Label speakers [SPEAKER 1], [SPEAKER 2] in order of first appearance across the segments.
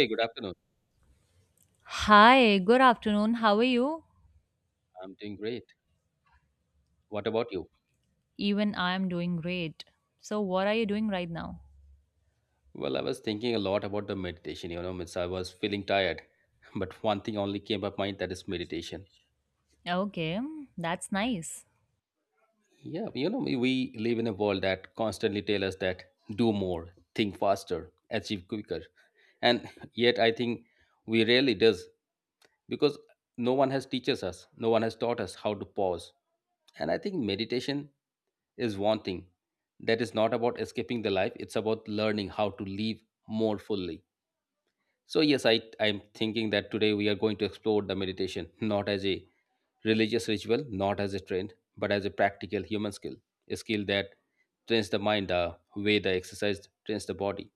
[SPEAKER 1] Hey, good afternoon.
[SPEAKER 2] Hi, good afternoon. How are you?
[SPEAKER 1] I'm doing great. What about you?
[SPEAKER 2] Even I am doing great. So, what are you doing right now?
[SPEAKER 1] Well, I was thinking a lot about the meditation, you know, means I was feeling tired. But one thing only came up mind that is meditation.
[SPEAKER 2] Okay, that's nice.
[SPEAKER 1] Yeah, you know, we live in a world that constantly tell us that do more, think faster, achieve quicker. And yet I think we rarely does because no one has teaches us, no one has taught us how to pause. And I think meditation is one thing that is not about escaping the life, it's about learning how to live more fully. So, yes, I'm thinking that today we are going to explore the meditation not as a religious ritual, not as a trend, but as a practical human skill, a skill that trains the mind the way the exercise trains the body.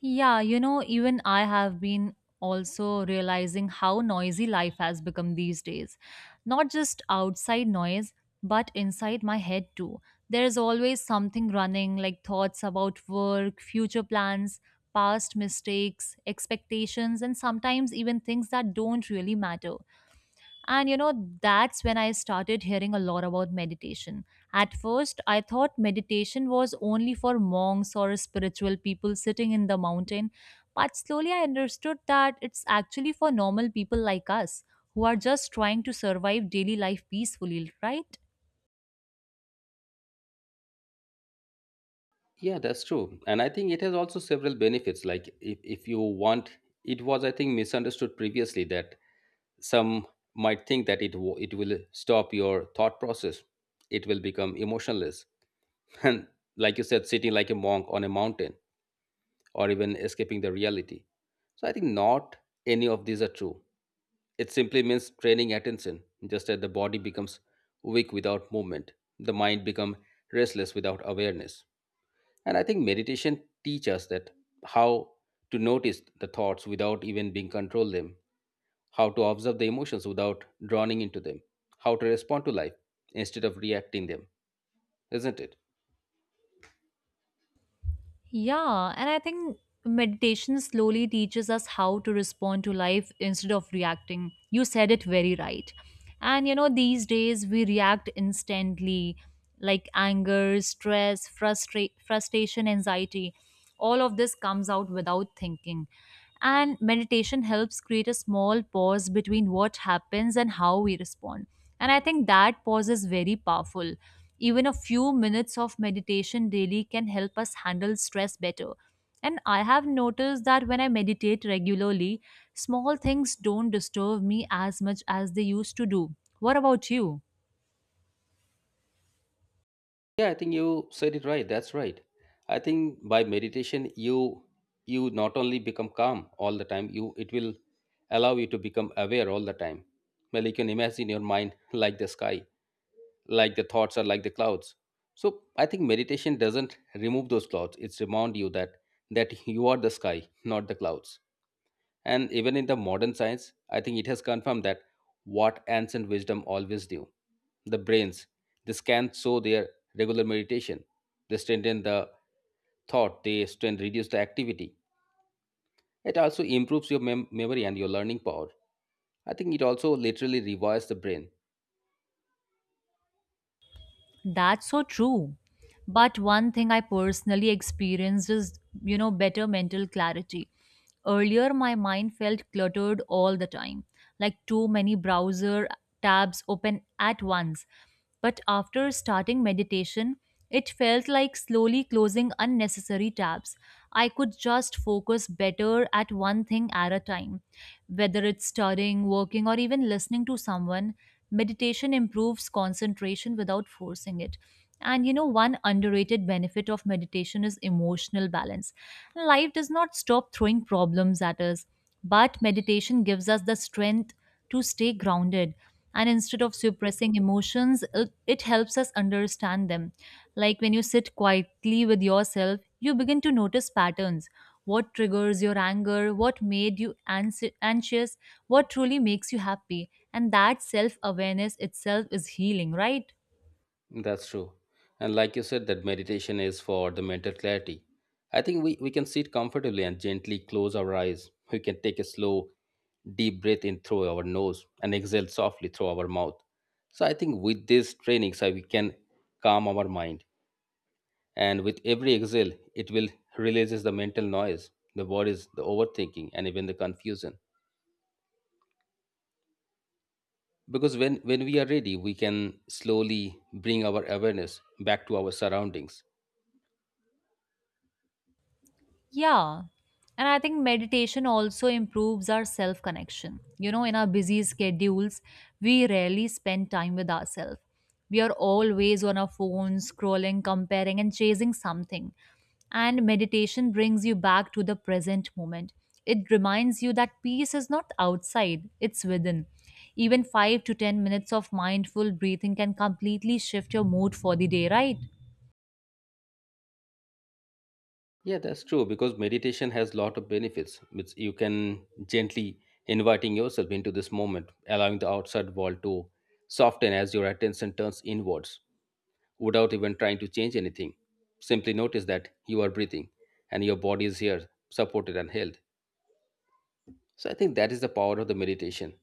[SPEAKER 2] Yeah, even I have been also realizing how noisy life has become these days. Not just outside noise, but inside my head too. There is always something running, like thoughts about work, future plans, past mistakes, expectations, and sometimes even things that don't really matter. And that's when I started hearing a lot about meditation. At first, I thought meditation was only for monks or spiritual people sitting in the mountain, but slowly I understood that it's actually for normal people like us who are just trying to survive daily life peacefully, right?
[SPEAKER 1] Yeah, that's true. And I think it has also several benefits. Like, if you want, it was, I think, misunderstood previously that some might think that it will stop your thought process, it will become emotionless. And like you said, sitting like a monk on a mountain or even escaping the reality. So I think not any of these are true. It simply means training attention, just as the body becomes weak without movement, the mind becomes restless without awareness. And I think meditation teaches us that how to notice the thoughts without even being controlled them, how to observe the emotions without drowning into them, how to respond to life instead of reacting them, isn't it?
[SPEAKER 2] Yeah, and I think meditation slowly teaches us how to respond to life instead of reacting. You said it very right. And these days we react instantly, like anger, stress, frustration, anxiety. All of this comes out without thinking, and meditation helps create a small pause between what happens and how we respond. And I think that pause is very powerful. Even a few minutes of meditation daily can help us handle stress better, and I have noticed that when I meditate regularly, small things don't disturb me as much as they used to do. What about you?
[SPEAKER 1] Yeah, I think you said it right. That's right. I think by meditation you not only become calm all the time, you it will allow you to become aware all the time. Well, you can imagine your mind like the sky, like the thoughts are like the clouds. So I think meditation doesn't remove those clouds. It's remind you that you are the sky, not the clouds. And even in the modern science, I think it has confirmed that what ancient wisdom always knew the brains. This can show their regular meditation. They strengthen the thought, they strength reduce the activity. It also improves your memory and your learning power. I think it also literally rewires the brain.
[SPEAKER 2] That's so true. But one thing I personally experienced is, better mental clarity. Earlier, my mind felt cluttered all the time, like too many browser tabs open at once. But after starting meditation, it felt like slowly closing unnecessary tabs. I could just focus better at one thing at a time. Whether it's studying, working, or even listening to someone, meditation improves concentration without forcing it. And one underrated benefit of meditation is emotional balance. Life does not stop throwing problems at us, but meditation gives us the strength to stay grounded. And instead of suppressing emotions, it helps us understand them. Like when you sit quietly with yourself, you begin to notice patterns. What triggers your anger? What made you anxious? What truly makes you happy? And that self awareness itself is healing, right?
[SPEAKER 1] That's true. And like you said, that meditation is for the mental clarity. I think we can sit comfortably and gently close our eyes. We can take a slow, deep breath in through our nose and exhale softly through our mouth. So I think with these trainings, we can calm our mind and with every exhale it will releases the mental noise, the worries, the overthinking, and even the confusion. Because when we are ready we can slowly bring our awareness back to our surroundings.
[SPEAKER 2] Yeah. And I think meditation also improves our self connection. In our busy schedules, we rarely spend time with ourselves. We are always on our phones, scrolling, comparing, and chasing something. And meditation brings you back to the present moment. It reminds you that peace is not outside, it's within. Even 5 to 10 minutes of mindful breathing can completely shift your mood for the day, right?
[SPEAKER 1] Yeah, that's true because meditation has lot of benefits which you can gently inviting yourself into this moment, allowing the outside world to soften as your attention turns inwards, without even trying to change anything, simply notice that you are breathing and your body is here, supported and held. So I think that is the power of the meditation.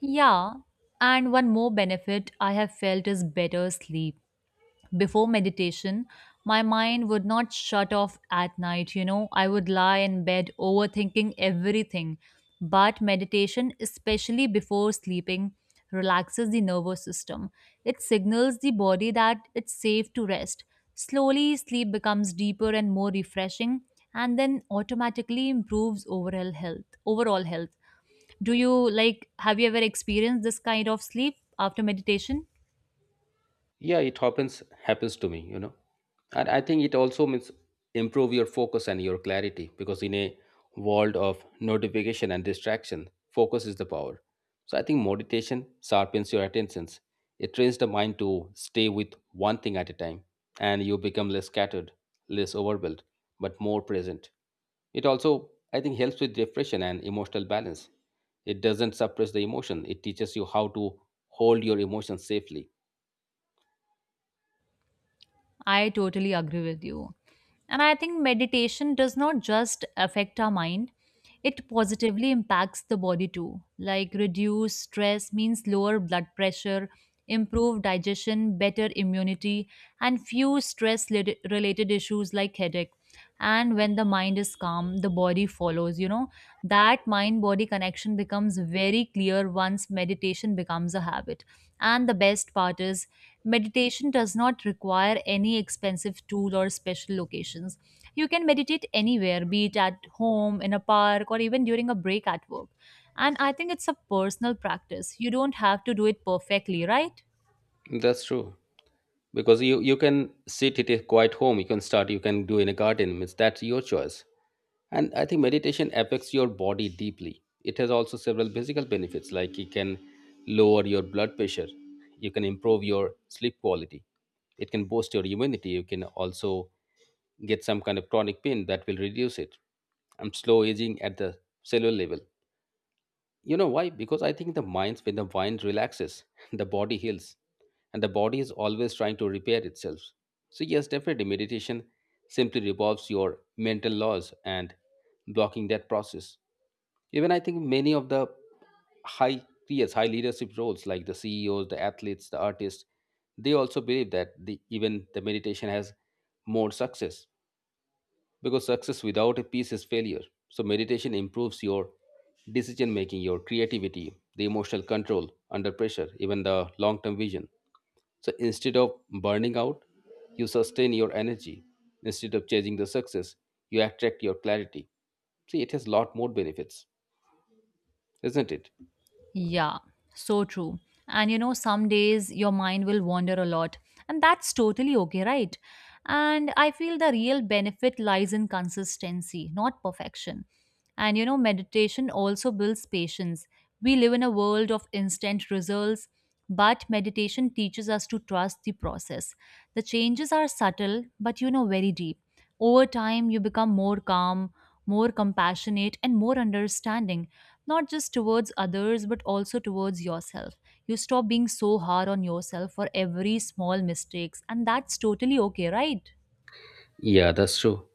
[SPEAKER 2] Yeah, and one more benefit I have felt is better sleep before meditation. My mind would not shut off at night. I would lie in bed overthinking everything. But meditation, especially before sleeping, relaxes the nervous system. It signals the body that it's safe to rest. Slowly, sleep becomes deeper and more refreshing, and then automatically improves overall health. Overall health. Do you like? Have you ever experienced this kind of sleep after meditation?
[SPEAKER 1] Yeah, it happens to me, you know. And I think it also means improve your focus and your clarity, because in a world of notification and distraction, focus is the power. So I think meditation sharpens your attentions. It trains the mind to stay with one thing at a time, and you become less scattered, less overwhelmed, but more present. It also, I think, helps with depression and emotional balance. It doesn't suppress the emotion. It teaches you how to hold your emotions safely.
[SPEAKER 2] I totally agree with you. And I think meditation does not just affect our mind, it positively impacts the body too. Like reduce stress means lower blood pressure, improve digestion, better immunity, and few stress related issues like headache. And when the mind is calm, the body follows. That mind body connection becomes very clear once meditation becomes a habit. And the best part is, meditation does not require any expensive tool or special locations. You can meditate anywhere, be it at home, in a park, or even during a break at work. And I think it's a personal practice. You don't have to do it perfectly, right?
[SPEAKER 1] That's true. Because you can sit at a quiet home, you can start, you can do in a garden. Means that's your choice. And I think meditation affects your body deeply. It has also several physical benefits, like it can lower your blood pressure, you can improve your sleep quality, it can boost your immunity, you can also get some kind of chronic pain that will reduce it. And slow aging at the cellular level. You know why? Because I think the mind, when the mind relaxes, the body heals, and the body is always trying to repair itself. So, yes, definitely, meditation simply revolves your mental laws and blocking that process. Even I think many of the high peers, high leadership roles like the CEOs, the athletes, the artists, they also believe that the, even the meditation has more success because success without a peace is failure. So, meditation improves your decision making, your creativity, the emotional control under pressure, even the long term vision. So, instead of burning out, you sustain your energy. Instead of chasing the success, you attract your clarity. See, it has lot more benefits, isn't it?
[SPEAKER 2] Yeah, so true. And some days your mind will wander a lot, and that's totally okay, right? And I feel the real benefit lies in consistency, not perfection. And meditation also builds patience. We live in a world of instant results, but meditation teaches us to trust the process. The changes are subtle, but very deep. Over time, you become more calm, more compassionate, and more understanding, not just towards others but also towards yourself. You stop being so hard on yourself for every small mistakes, and that's totally okay, right?
[SPEAKER 1] Yeah, that's true.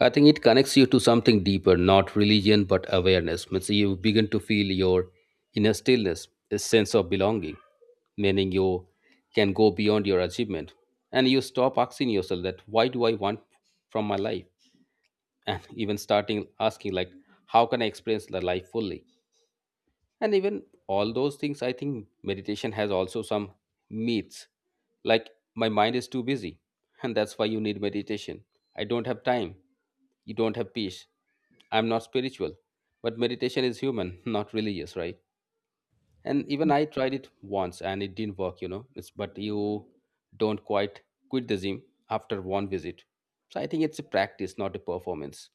[SPEAKER 1] I think it connects you to something deeper, not religion, but awareness. Means you begin to feel your inner stillness, a sense of belonging, meaning you can go beyond your achievement. And you stop asking yourself that, why do I want from my life? And even starting asking, like, how can I experience the life fully? And even all those things, I think meditation has also some myths, like my mind is too busy and that's why you need meditation, I don't have time, you don't have peace, I'm not spiritual. But meditation is human, not religious, right? And even I tried it once and it didn't work, you know, it's, but you don't quit the gym after one visit. So I think it's a practice, not a performance.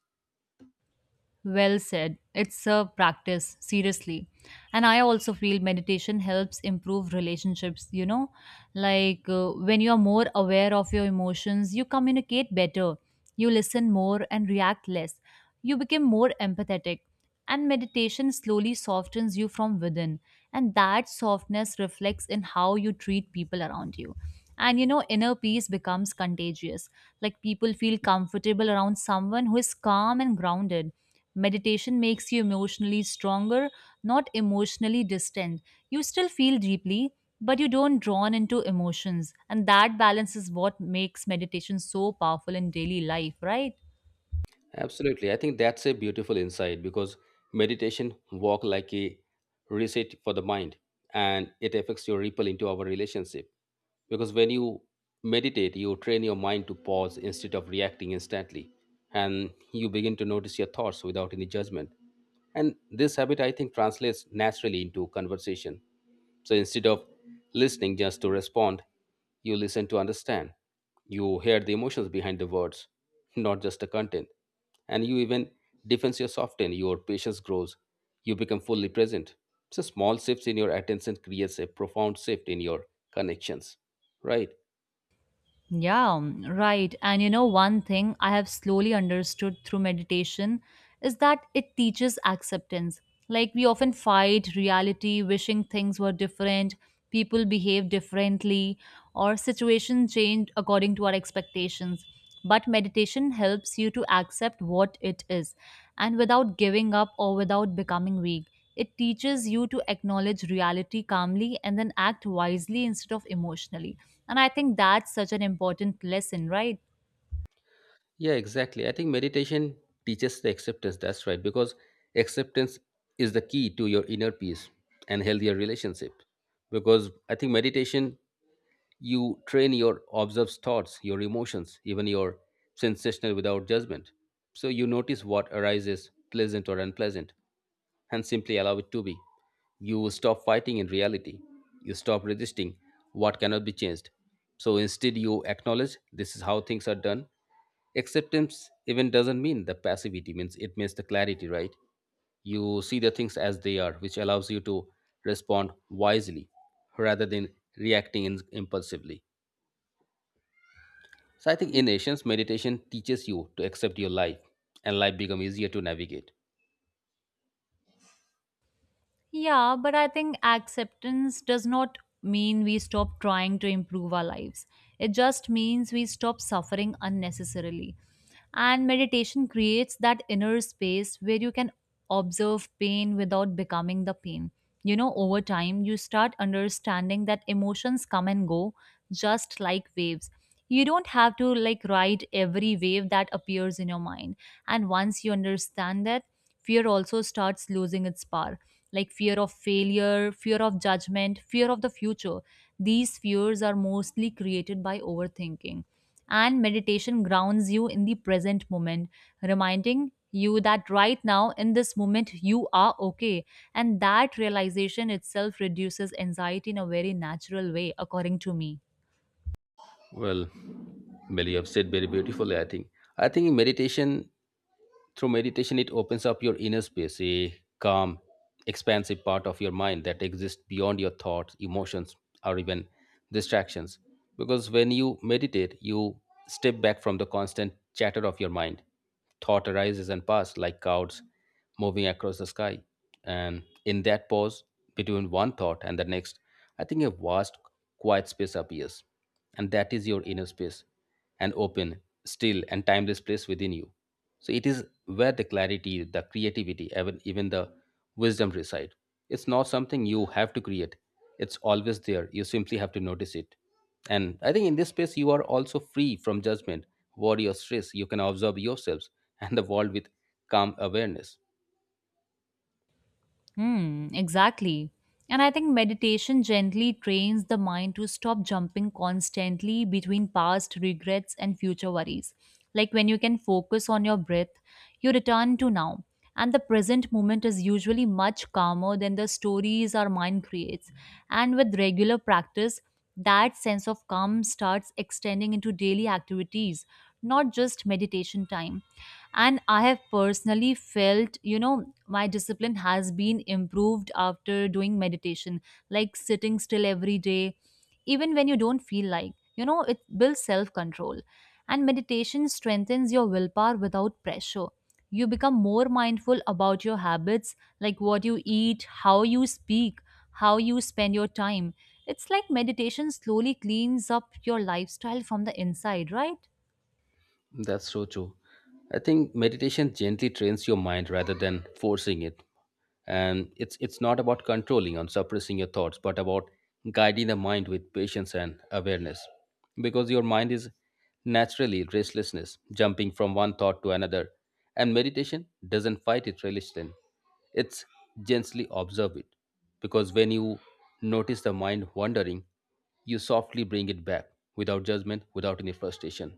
[SPEAKER 2] Well said. It's a practice, seriously. And I also feel meditation helps improve relationships, you know? Like when you are more aware of your emotions, you communicate better, you listen more and react less. You become more empathetic. And meditation slowly softens you from within. And that softness reflects in how you treat people around you. And inner peace becomes contagious. Like people feel comfortable around someone who is calm and grounded. Meditation makes you emotionally stronger, not emotionally distant. You still feel deeply, but you don't drawn into emotions. And that balance is what makes meditation so powerful in daily life, right?
[SPEAKER 1] Absolutely. I think that's a beautiful insight because meditation walk like a reset for the mind, and it affects your ripple into our relationship. Because when you meditate you train your mind to pause instead of reacting instantly, and you begin to notice your thoughts without any judgment. And this habit, I think, translates naturally into conversation. So instead of listening just to respond, you listen to understand. You hear the emotions behind the words, not just the content. And you even defense your soften your patience grows, you become fully present. So small shifts in your attention creates a profound shift in your connections. Right.
[SPEAKER 2] Yeah, mm, right. And one thing I have slowly understood through meditation is that it teaches acceptance. Like, we often fight reality, wishing things were different, people behave differently, or situations change according to our expectations. But meditation helps you to accept what it is, and without giving up or without becoming weak. It teaches you to acknowledge reality calmly and then act wisely instead of emotionally. And I think that's such an important lesson, right?
[SPEAKER 1] Yeah, exactly. I think meditation teaches the acceptance. That's right. Because acceptance is the key to your inner peace and healthier relationship. Because I think meditation, you train your observed thoughts, your emotions, even your sensational without judgment. So you notice what arises, pleasant or unpleasant, and simply allow it to be. You stop fighting in reality. You stop resisting what cannot be changed. So instead, you acknowledge this is how things are done. Acceptance even doesn't mean the passivity, means it means the clarity, right? You see the things as they are, which allows you to respond wisely rather than reacting impulsively. So I think in essence, meditation teaches you to accept your life and life become easier to navigate.
[SPEAKER 2] Yeah, but I think acceptance does not mean we stop trying to improve our lives. It just means we stop suffering unnecessarily. And meditation creates that inner space where you can observe pain without becoming the pain. Over time, you start understanding that emotions come and go just like waves. You don't have to like ride every wave that appears in your mind. And once you understand that, fear also starts losing its power, like fear of failure, fear of judgment, fear of the future. These fears are mostly created by overthinking, and meditation grounds you in the present moment, reminding you that right now in this moment you are okay, and that realization itself reduces anxiety in a very natural way according to me.
[SPEAKER 1] Well, Meli, you've said very beautifully, I think. I think meditation, through meditation, it opens up your inner space, a calm, expansive part of your mind that exists beyond your thoughts, emotions, or even distractions. Because when you meditate, you step back from the constant chatter of your mind. Thought arises and passes like clouds moving across the sky. And in that pause between one thought and the next, I think a vast, quiet space appears. And that is your inner space, an open, still, and timeless place within you. So it is where the clarity, the creativity, even, even the wisdom reside. It's not something you have to create, it's always there. You simply have to notice it. And I think in this space, you are also free from judgment, worry, or stress. You can observe yourselves and the world with calm awareness.
[SPEAKER 2] Hmm, exactly. And I think meditation gently trains the mind to stop jumping constantly between past regrets and future worries. Like when you can focus on your breath, you return to now. And the present moment is usually much calmer than the stories our mind creates. And with regular practice, that sense of calm starts extending into daily activities, not just meditation time. And I have personally felt, my discipline has been improved after doing meditation, like sitting still every day, even when you don't feel like, it builds self control. And meditation strengthens your willpower without pressure. You become more mindful about your habits, like what you eat, how you speak, how you spend your time. It's like meditation slowly cleans up your lifestyle from the inside, right?
[SPEAKER 1] That's so true. I think meditation gently trains your mind rather than forcing it. And it's not about controlling or suppressing your thoughts, but about guiding the mind with patience and awareness. Because your mind is naturally restlessness, jumping from one thought to another. And meditation doesn't fight it resistance. It's gently observe it. Because when you notice the mind wandering, you softly bring it back without judgment, without any frustration.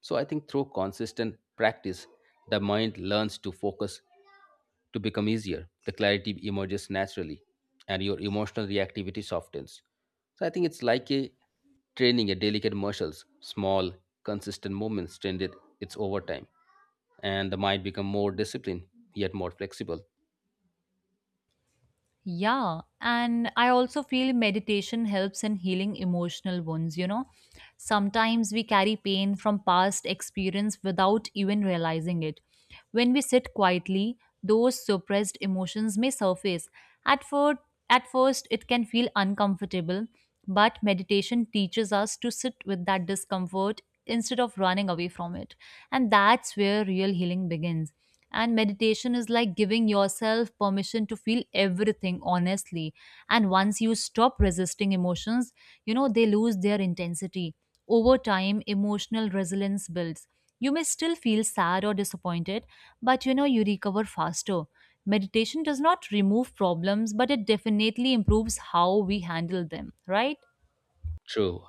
[SPEAKER 1] So I think through consistent practice, the mind learns to focus to become easier. The clarity emerges naturally and your emotional reactivity softens. So I think it's like a training a delicate muscles, small, consistent movements trained it it's over time. And the mind become more disciplined, yet more flexible.
[SPEAKER 2] Yeah, and I also feel meditation helps in healing emotional wounds. Sometimes we carry pain from past experience without even realizing it. When we sit quietly, those suppressed emotions may surface. At first, at first, it can feel uncomfortable, but meditation teaches us to sit with that discomfort instead of running away from it. And that's where real healing begins. And meditation is like giving yourself permission to feel everything honestly. And once you stop resisting emotions, they lose their intensity. Over time, emotional resilience builds. You may still feel sad or disappointed, but you recover faster. Meditation does not remove problems, but it definitely improves how we handle them, right?
[SPEAKER 1] True.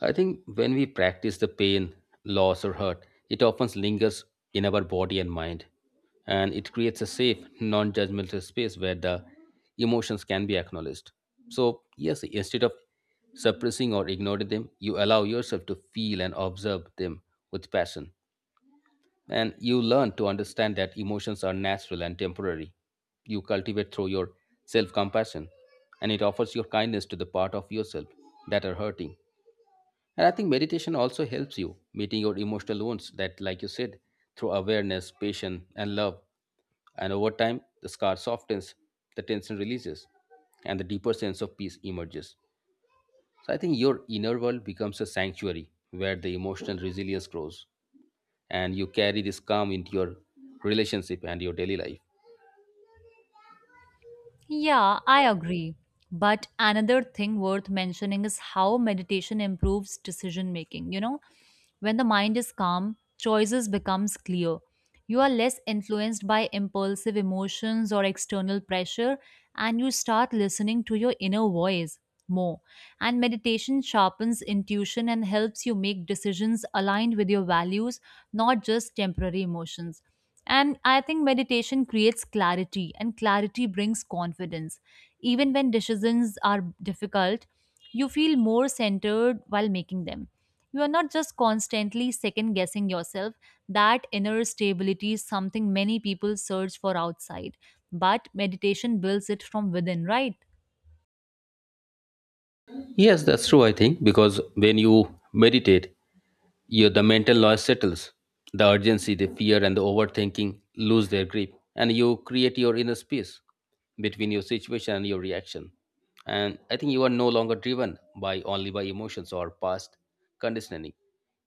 [SPEAKER 1] I think when we practice the pain, loss, or hurt, it often lingers in our body and mind. And it creates a safe, non judgmental space where the emotions can be acknowledged. So, yes, instead of suppressing or ignoring them, you allow yourself to feel and observe them with passion. And you learn to understand that emotions are natural and temporary. You cultivate through your self compassion, and it offers your kindness to the part of yourself that are hurting. And I think meditation also helps you meeting your emotional wounds that, like you said, through awareness, patience, and love. And over time, the scar softens, the tension releases, and the deeper sense of peace emerges. So I think your inner world becomes a sanctuary where the emotional resilience grows, and you carry this calm into your relationship and your daily life.
[SPEAKER 2] Yeah, I agree. But another thing worth mentioning is how meditation improves decision making. When the mind is calm, choices becomes clear. You are less influenced by impulsive emotions or external pressure, and you start listening to your inner voice more. And meditation sharpens intuition and helps you make decisions aligned with your values, not just temporary emotions. And I think meditation creates clarity, and clarity brings confidence. Even when decisions are difficult, you feel more centered while making them. You are not just constantly second guessing yourself. That inner stability is something many people search for outside, but meditation builds it from within, right?
[SPEAKER 1] Yes, that's true, I think, because when you meditate, Your the mental noise settles. The urgency, the fear, and the overthinking lose their grip, and you create your inner space between your situation and your reaction. And I think you are no longer driven by only by emotions or past conditioning.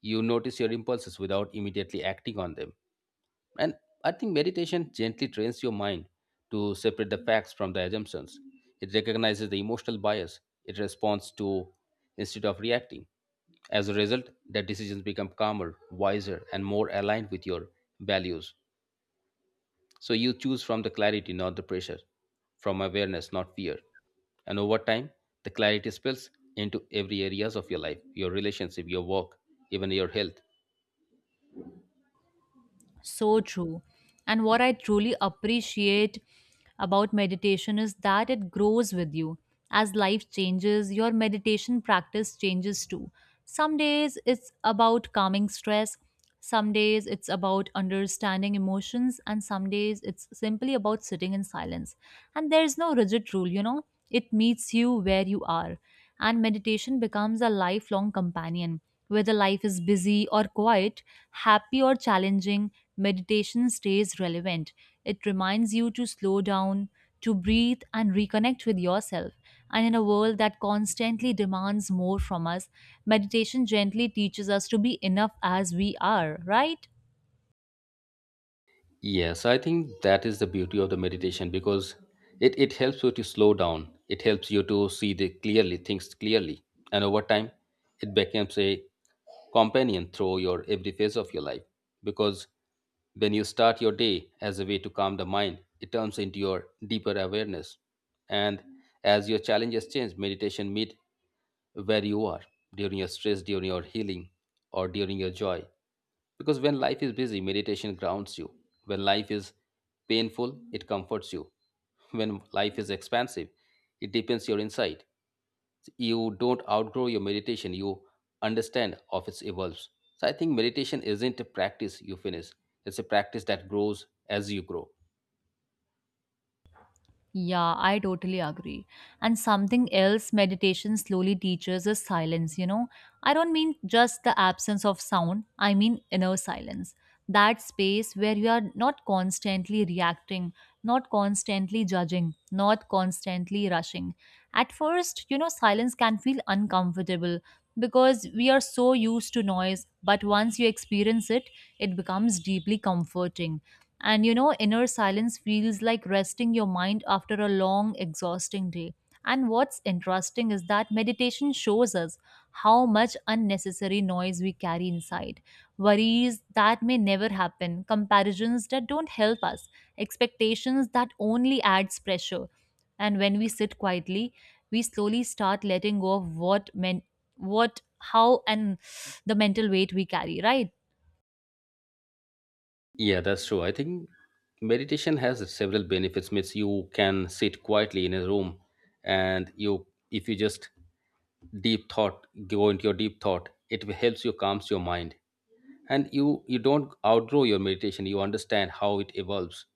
[SPEAKER 1] You notice your impulses without immediately acting on them. And I think meditation gently trains your mind to separate the facts from the assumptions. It recognizes the emotional bias it responds to instead of reacting. As a result, the decisions become calmer, wiser, and more aligned with your values. So you choose from the clarity, not the pressure, from awareness, not fear. And over time, the clarity spills into every areas of your life, your relationship, your work, even your health.
[SPEAKER 2] So true. And what I truly appreciate about meditation is that it grows with you. As life changes, your meditation practice changes too. Some days it's about calming stress, some days it's about understanding emotions, and some days it's simply about sitting in silence. And there's no rigid rule, it meets you where you are. And meditation becomes a lifelong companion. Whether life is busy or quiet, happy or challenging, meditation stays relevant. It reminds you to slow down, to breathe, and reconnect with yourself. And in a world that constantly demands more from us, meditation gently teaches us to be enough as we are, right?
[SPEAKER 1] Yes, I think that is the beauty of the meditation because it helps you to slow down. It helps you to see the clearly things clearly. And over time, it becomes a companion through your every phase of your life. Because when you start your day as a way to calm the mind, it turns into your deeper awareness. And as your challenges change, meditation meet where you are during your stress, during your healing, or during your joy. Because when life is busy, meditation grounds you. When life is painful, it comforts you. When life is expansive, it deepens your insight. You don't outgrow your meditation, you understand of its evolves. So I think meditation isn't a practice you finish, it's a practice that grows as you grow.
[SPEAKER 2] Yeah, I totally agree. And something else meditation slowly teaches is silence. I don't mean just the absence of sound, I mean inner silence. That space where you are not constantly reacting, not constantly judging, not constantly rushing. At first, silence can feel uncomfortable because we are so used to noise, but once you experience it, it becomes deeply comforting and inner silence feels like resting your mind after a long, exhausting day. And what's interesting is that meditation shows us how much unnecessary noise we carry inside. Worries that may never happen, comparisons that don't help us, expectations that only adds pressure. And when we sit quietly, we slowly start letting go of what men what how and the mental weight we carry, right?
[SPEAKER 1] Yeah, that's true. I think meditation has several benefits. Means you can sit quietly in a room, and you, if you just deep thought, go into your deep thought, it helps you calms your mind, and you don't outgrow your meditation. You understand how it evolves.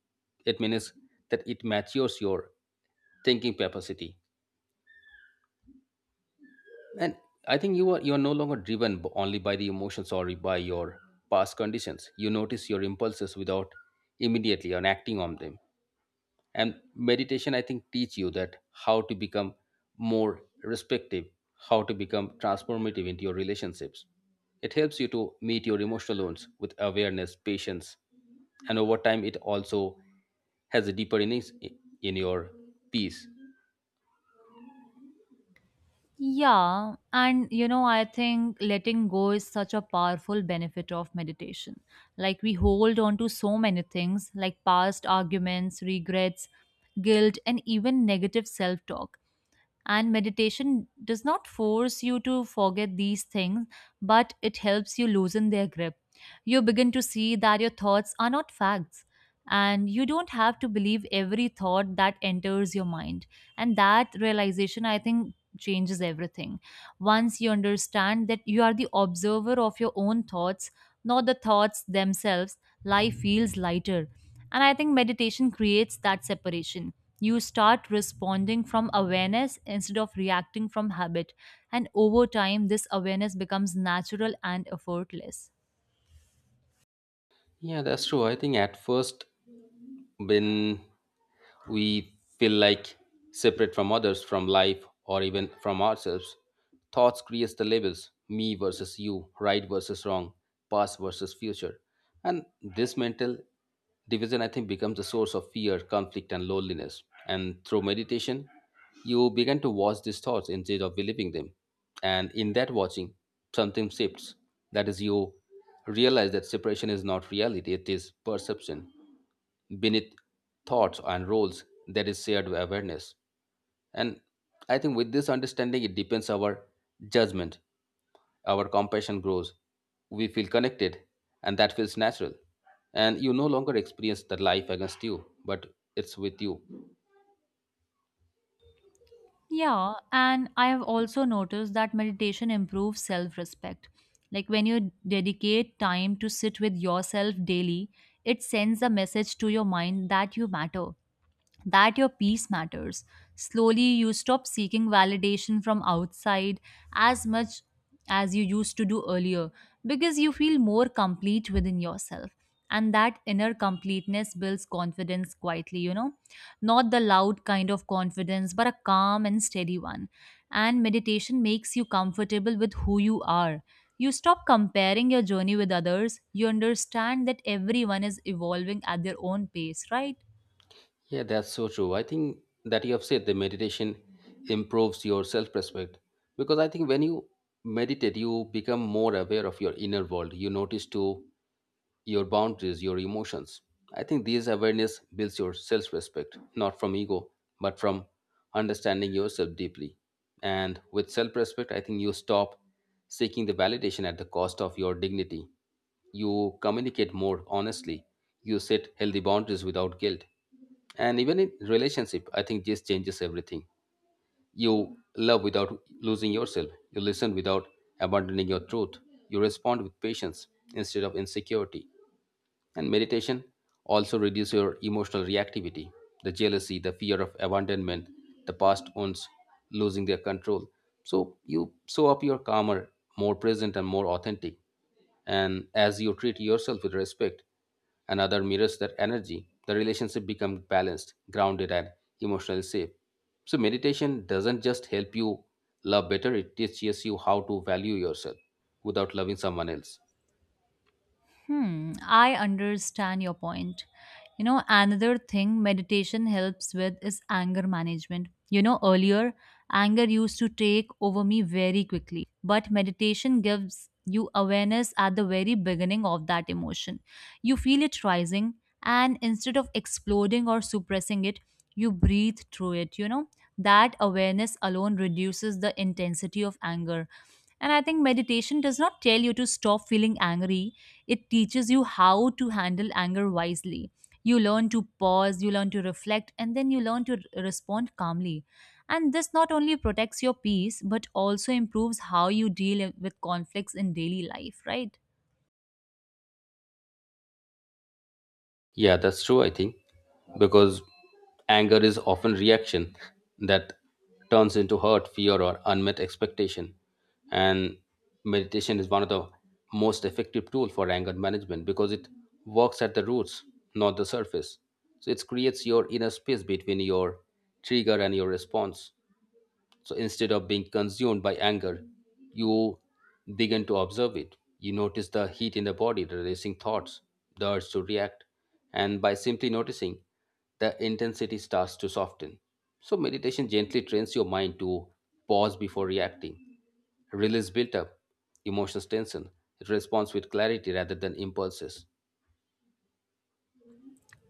[SPEAKER 1] It means that it matures your thinking capacity, and I think you are no longer driven only by the emotions or by your past conditions. You notice your impulses without immediately and acting on them, and meditation, I think, teach you that how to become more respective, how to become transformative into your relationships. It helps you to meet your emotional wounds with awareness, patience, and over time it also has a deeper innings in your peace.
[SPEAKER 2] Yeah, and I think letting go is such a powerful benefit of meditation. Like, we hold on to so many things, like past arguments, regrets, guilt, and even negative self talk. And meditation does not force you to forget these things, but it helps you loosen their grip. You begin to see that your thoughts are not facts, and you don't have to believe every thought that enters your mind. And that realization, I think, changes everything. Once you understand that you are the observer of your own thoughts, not the thoughts themselves, life feels lighter. And I think meditation creates that separation. You start responding from awareness instead of reacting from habit. And over time, this awareness becomes natural and effortless.
[SPEAKER 1] Yeah, that's true. I think at first, when we feel like separate from others, from life, or even from ourselves. Thoughts creates the labels me versus you, right versus wrong, past versus future. And this mental division, I think, becomes a source of fear, conflict, and loneliness. And through meditation, you begin to watch these thoughts instead of believing them. And in that watching, something shifts. That is, you realize that separation is not reality, it is perception. Beneath thoughts and roles there is shared awareness. And I think with this understanding it deepens our judgment, our compassion grows, we feel connected, and that feels natural. And you no longer experience the life against you, but it's with you.
[SPEAKER 2] Yeah, and I have also noticed that meditation improves self respect. Like when you dedicate time to sit with yourself daily, it sends a message to your mind that you matter. That your peace matters. Slowly, you stop seeking validation from outside as much as you used to do earlier because you feel more complete within yourself. And that inner completeness builds confidence quietly, not the loud kind of confidence, but a calm and steady one. And meditation makes you comfortable with who you are. You stop comparing your journey with others. You understand that everyone is evolving at their own pace, right?
[SPEAKER 1] Yeah, that's so true. I think that you have said the meditation improves your self-respect, because I think when you meditate you become more aware of your inner world. You notice too your boundaries, your emotions. I think this awareness builds your self respect, not from ego, but from understanding yourself deeply. And with self respect, I think you stop seeking the validation at the cost of your dignity. You communicate more honestly. You set healthy boundaries without guilt. And even in relationship, I think this changes everything. You love without losing yourself. You listen without abandoning your truth. You respond with patience instead of insecurity. And meditation also reduces your emotional reactivity, the jealousy, the fear of abandonment, the past wounds losing their control. So you show up your calmer, more present, and more authentic. And as you treat yourself with respect, and other mirrors that energy, the relationship becomes balanced, grounded, and emotionally safe. So meditation doesn't just help you love better; it teaches you how to value yourself without loving someone else.
[SPEAKER 2] Hmm, I understand your point. You know, another thing meditation helps with is anger management. You know, earlier anger used to take over me very quickly, but meditation gives you awareness at the very beginning of that emotion. You feel it rising, and instead of exploding or suppressing it, you breathe through it. You know, that awareness alone reduces the intensity of anger and I think meditation does not tell you to stop feeling angry, it teaches you how to handle anger wisely. You learn to pause, you learn to reflect, and then you learn to respond calmly. And this not only protects your peace, but also improves how you deal with conflicts in daily life, right?
[SPEAKER 1] Yeah, that's true, I think, because anger is often reaction that turns into hurt, fear, or unmet expectation. And meditation is one of the most effective tool for anger management because it works at the roots, not the surface. So it creates your inner space between your trigger and your response. So instead of being consumed by anger, you begin to observe it. You notice the heat in the body, the racing thoughts, the urge to react. And by simply noticing, the intensity starts to soften. So meditation gently trains your mind to pause before reacting, release built up, emotions tension. It responds with clarity rather than impulses.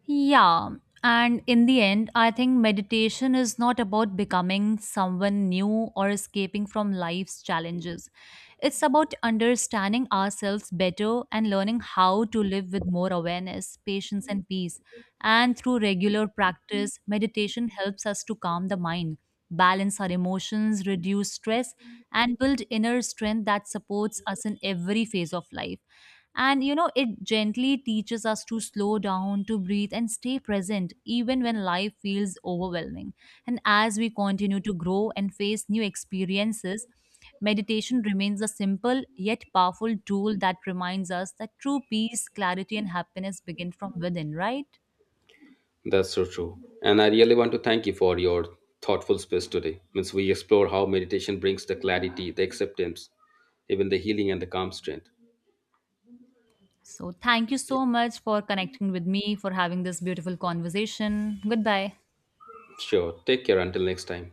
[SPEAKER 2] Yeah. And in the end, I think meditation is not about becoming someone new or escaping from life's challenges. It's about understanding ourselves better and learning how to live with more awareness, patience, and peace. And through regular practice, meditation helps us to calm the mind, balance our emotions, reduce stress, and build inner strength that supports us in every phase of life. And you know, it gently teaches us to slow down, to breathe, and stay present, even when life feels overwhelming. And as we continue to grow and face new experiences, meditation remains a simple yet powerful tool that reminds us that true peace, clarity, and happiness begin from within, right?
[SPEAKER 1] That's so true. And I really want to thank you for your thoughtful space today. Means we explore how meditation brings the clarity, the acceptance, even the healing and the calm strength.
[SPEAKER 2] So, thank you so much for connecting with me, for having this beautiful conversation. Goodbye.
[SPEAKER 1] Sure. Take care until next time.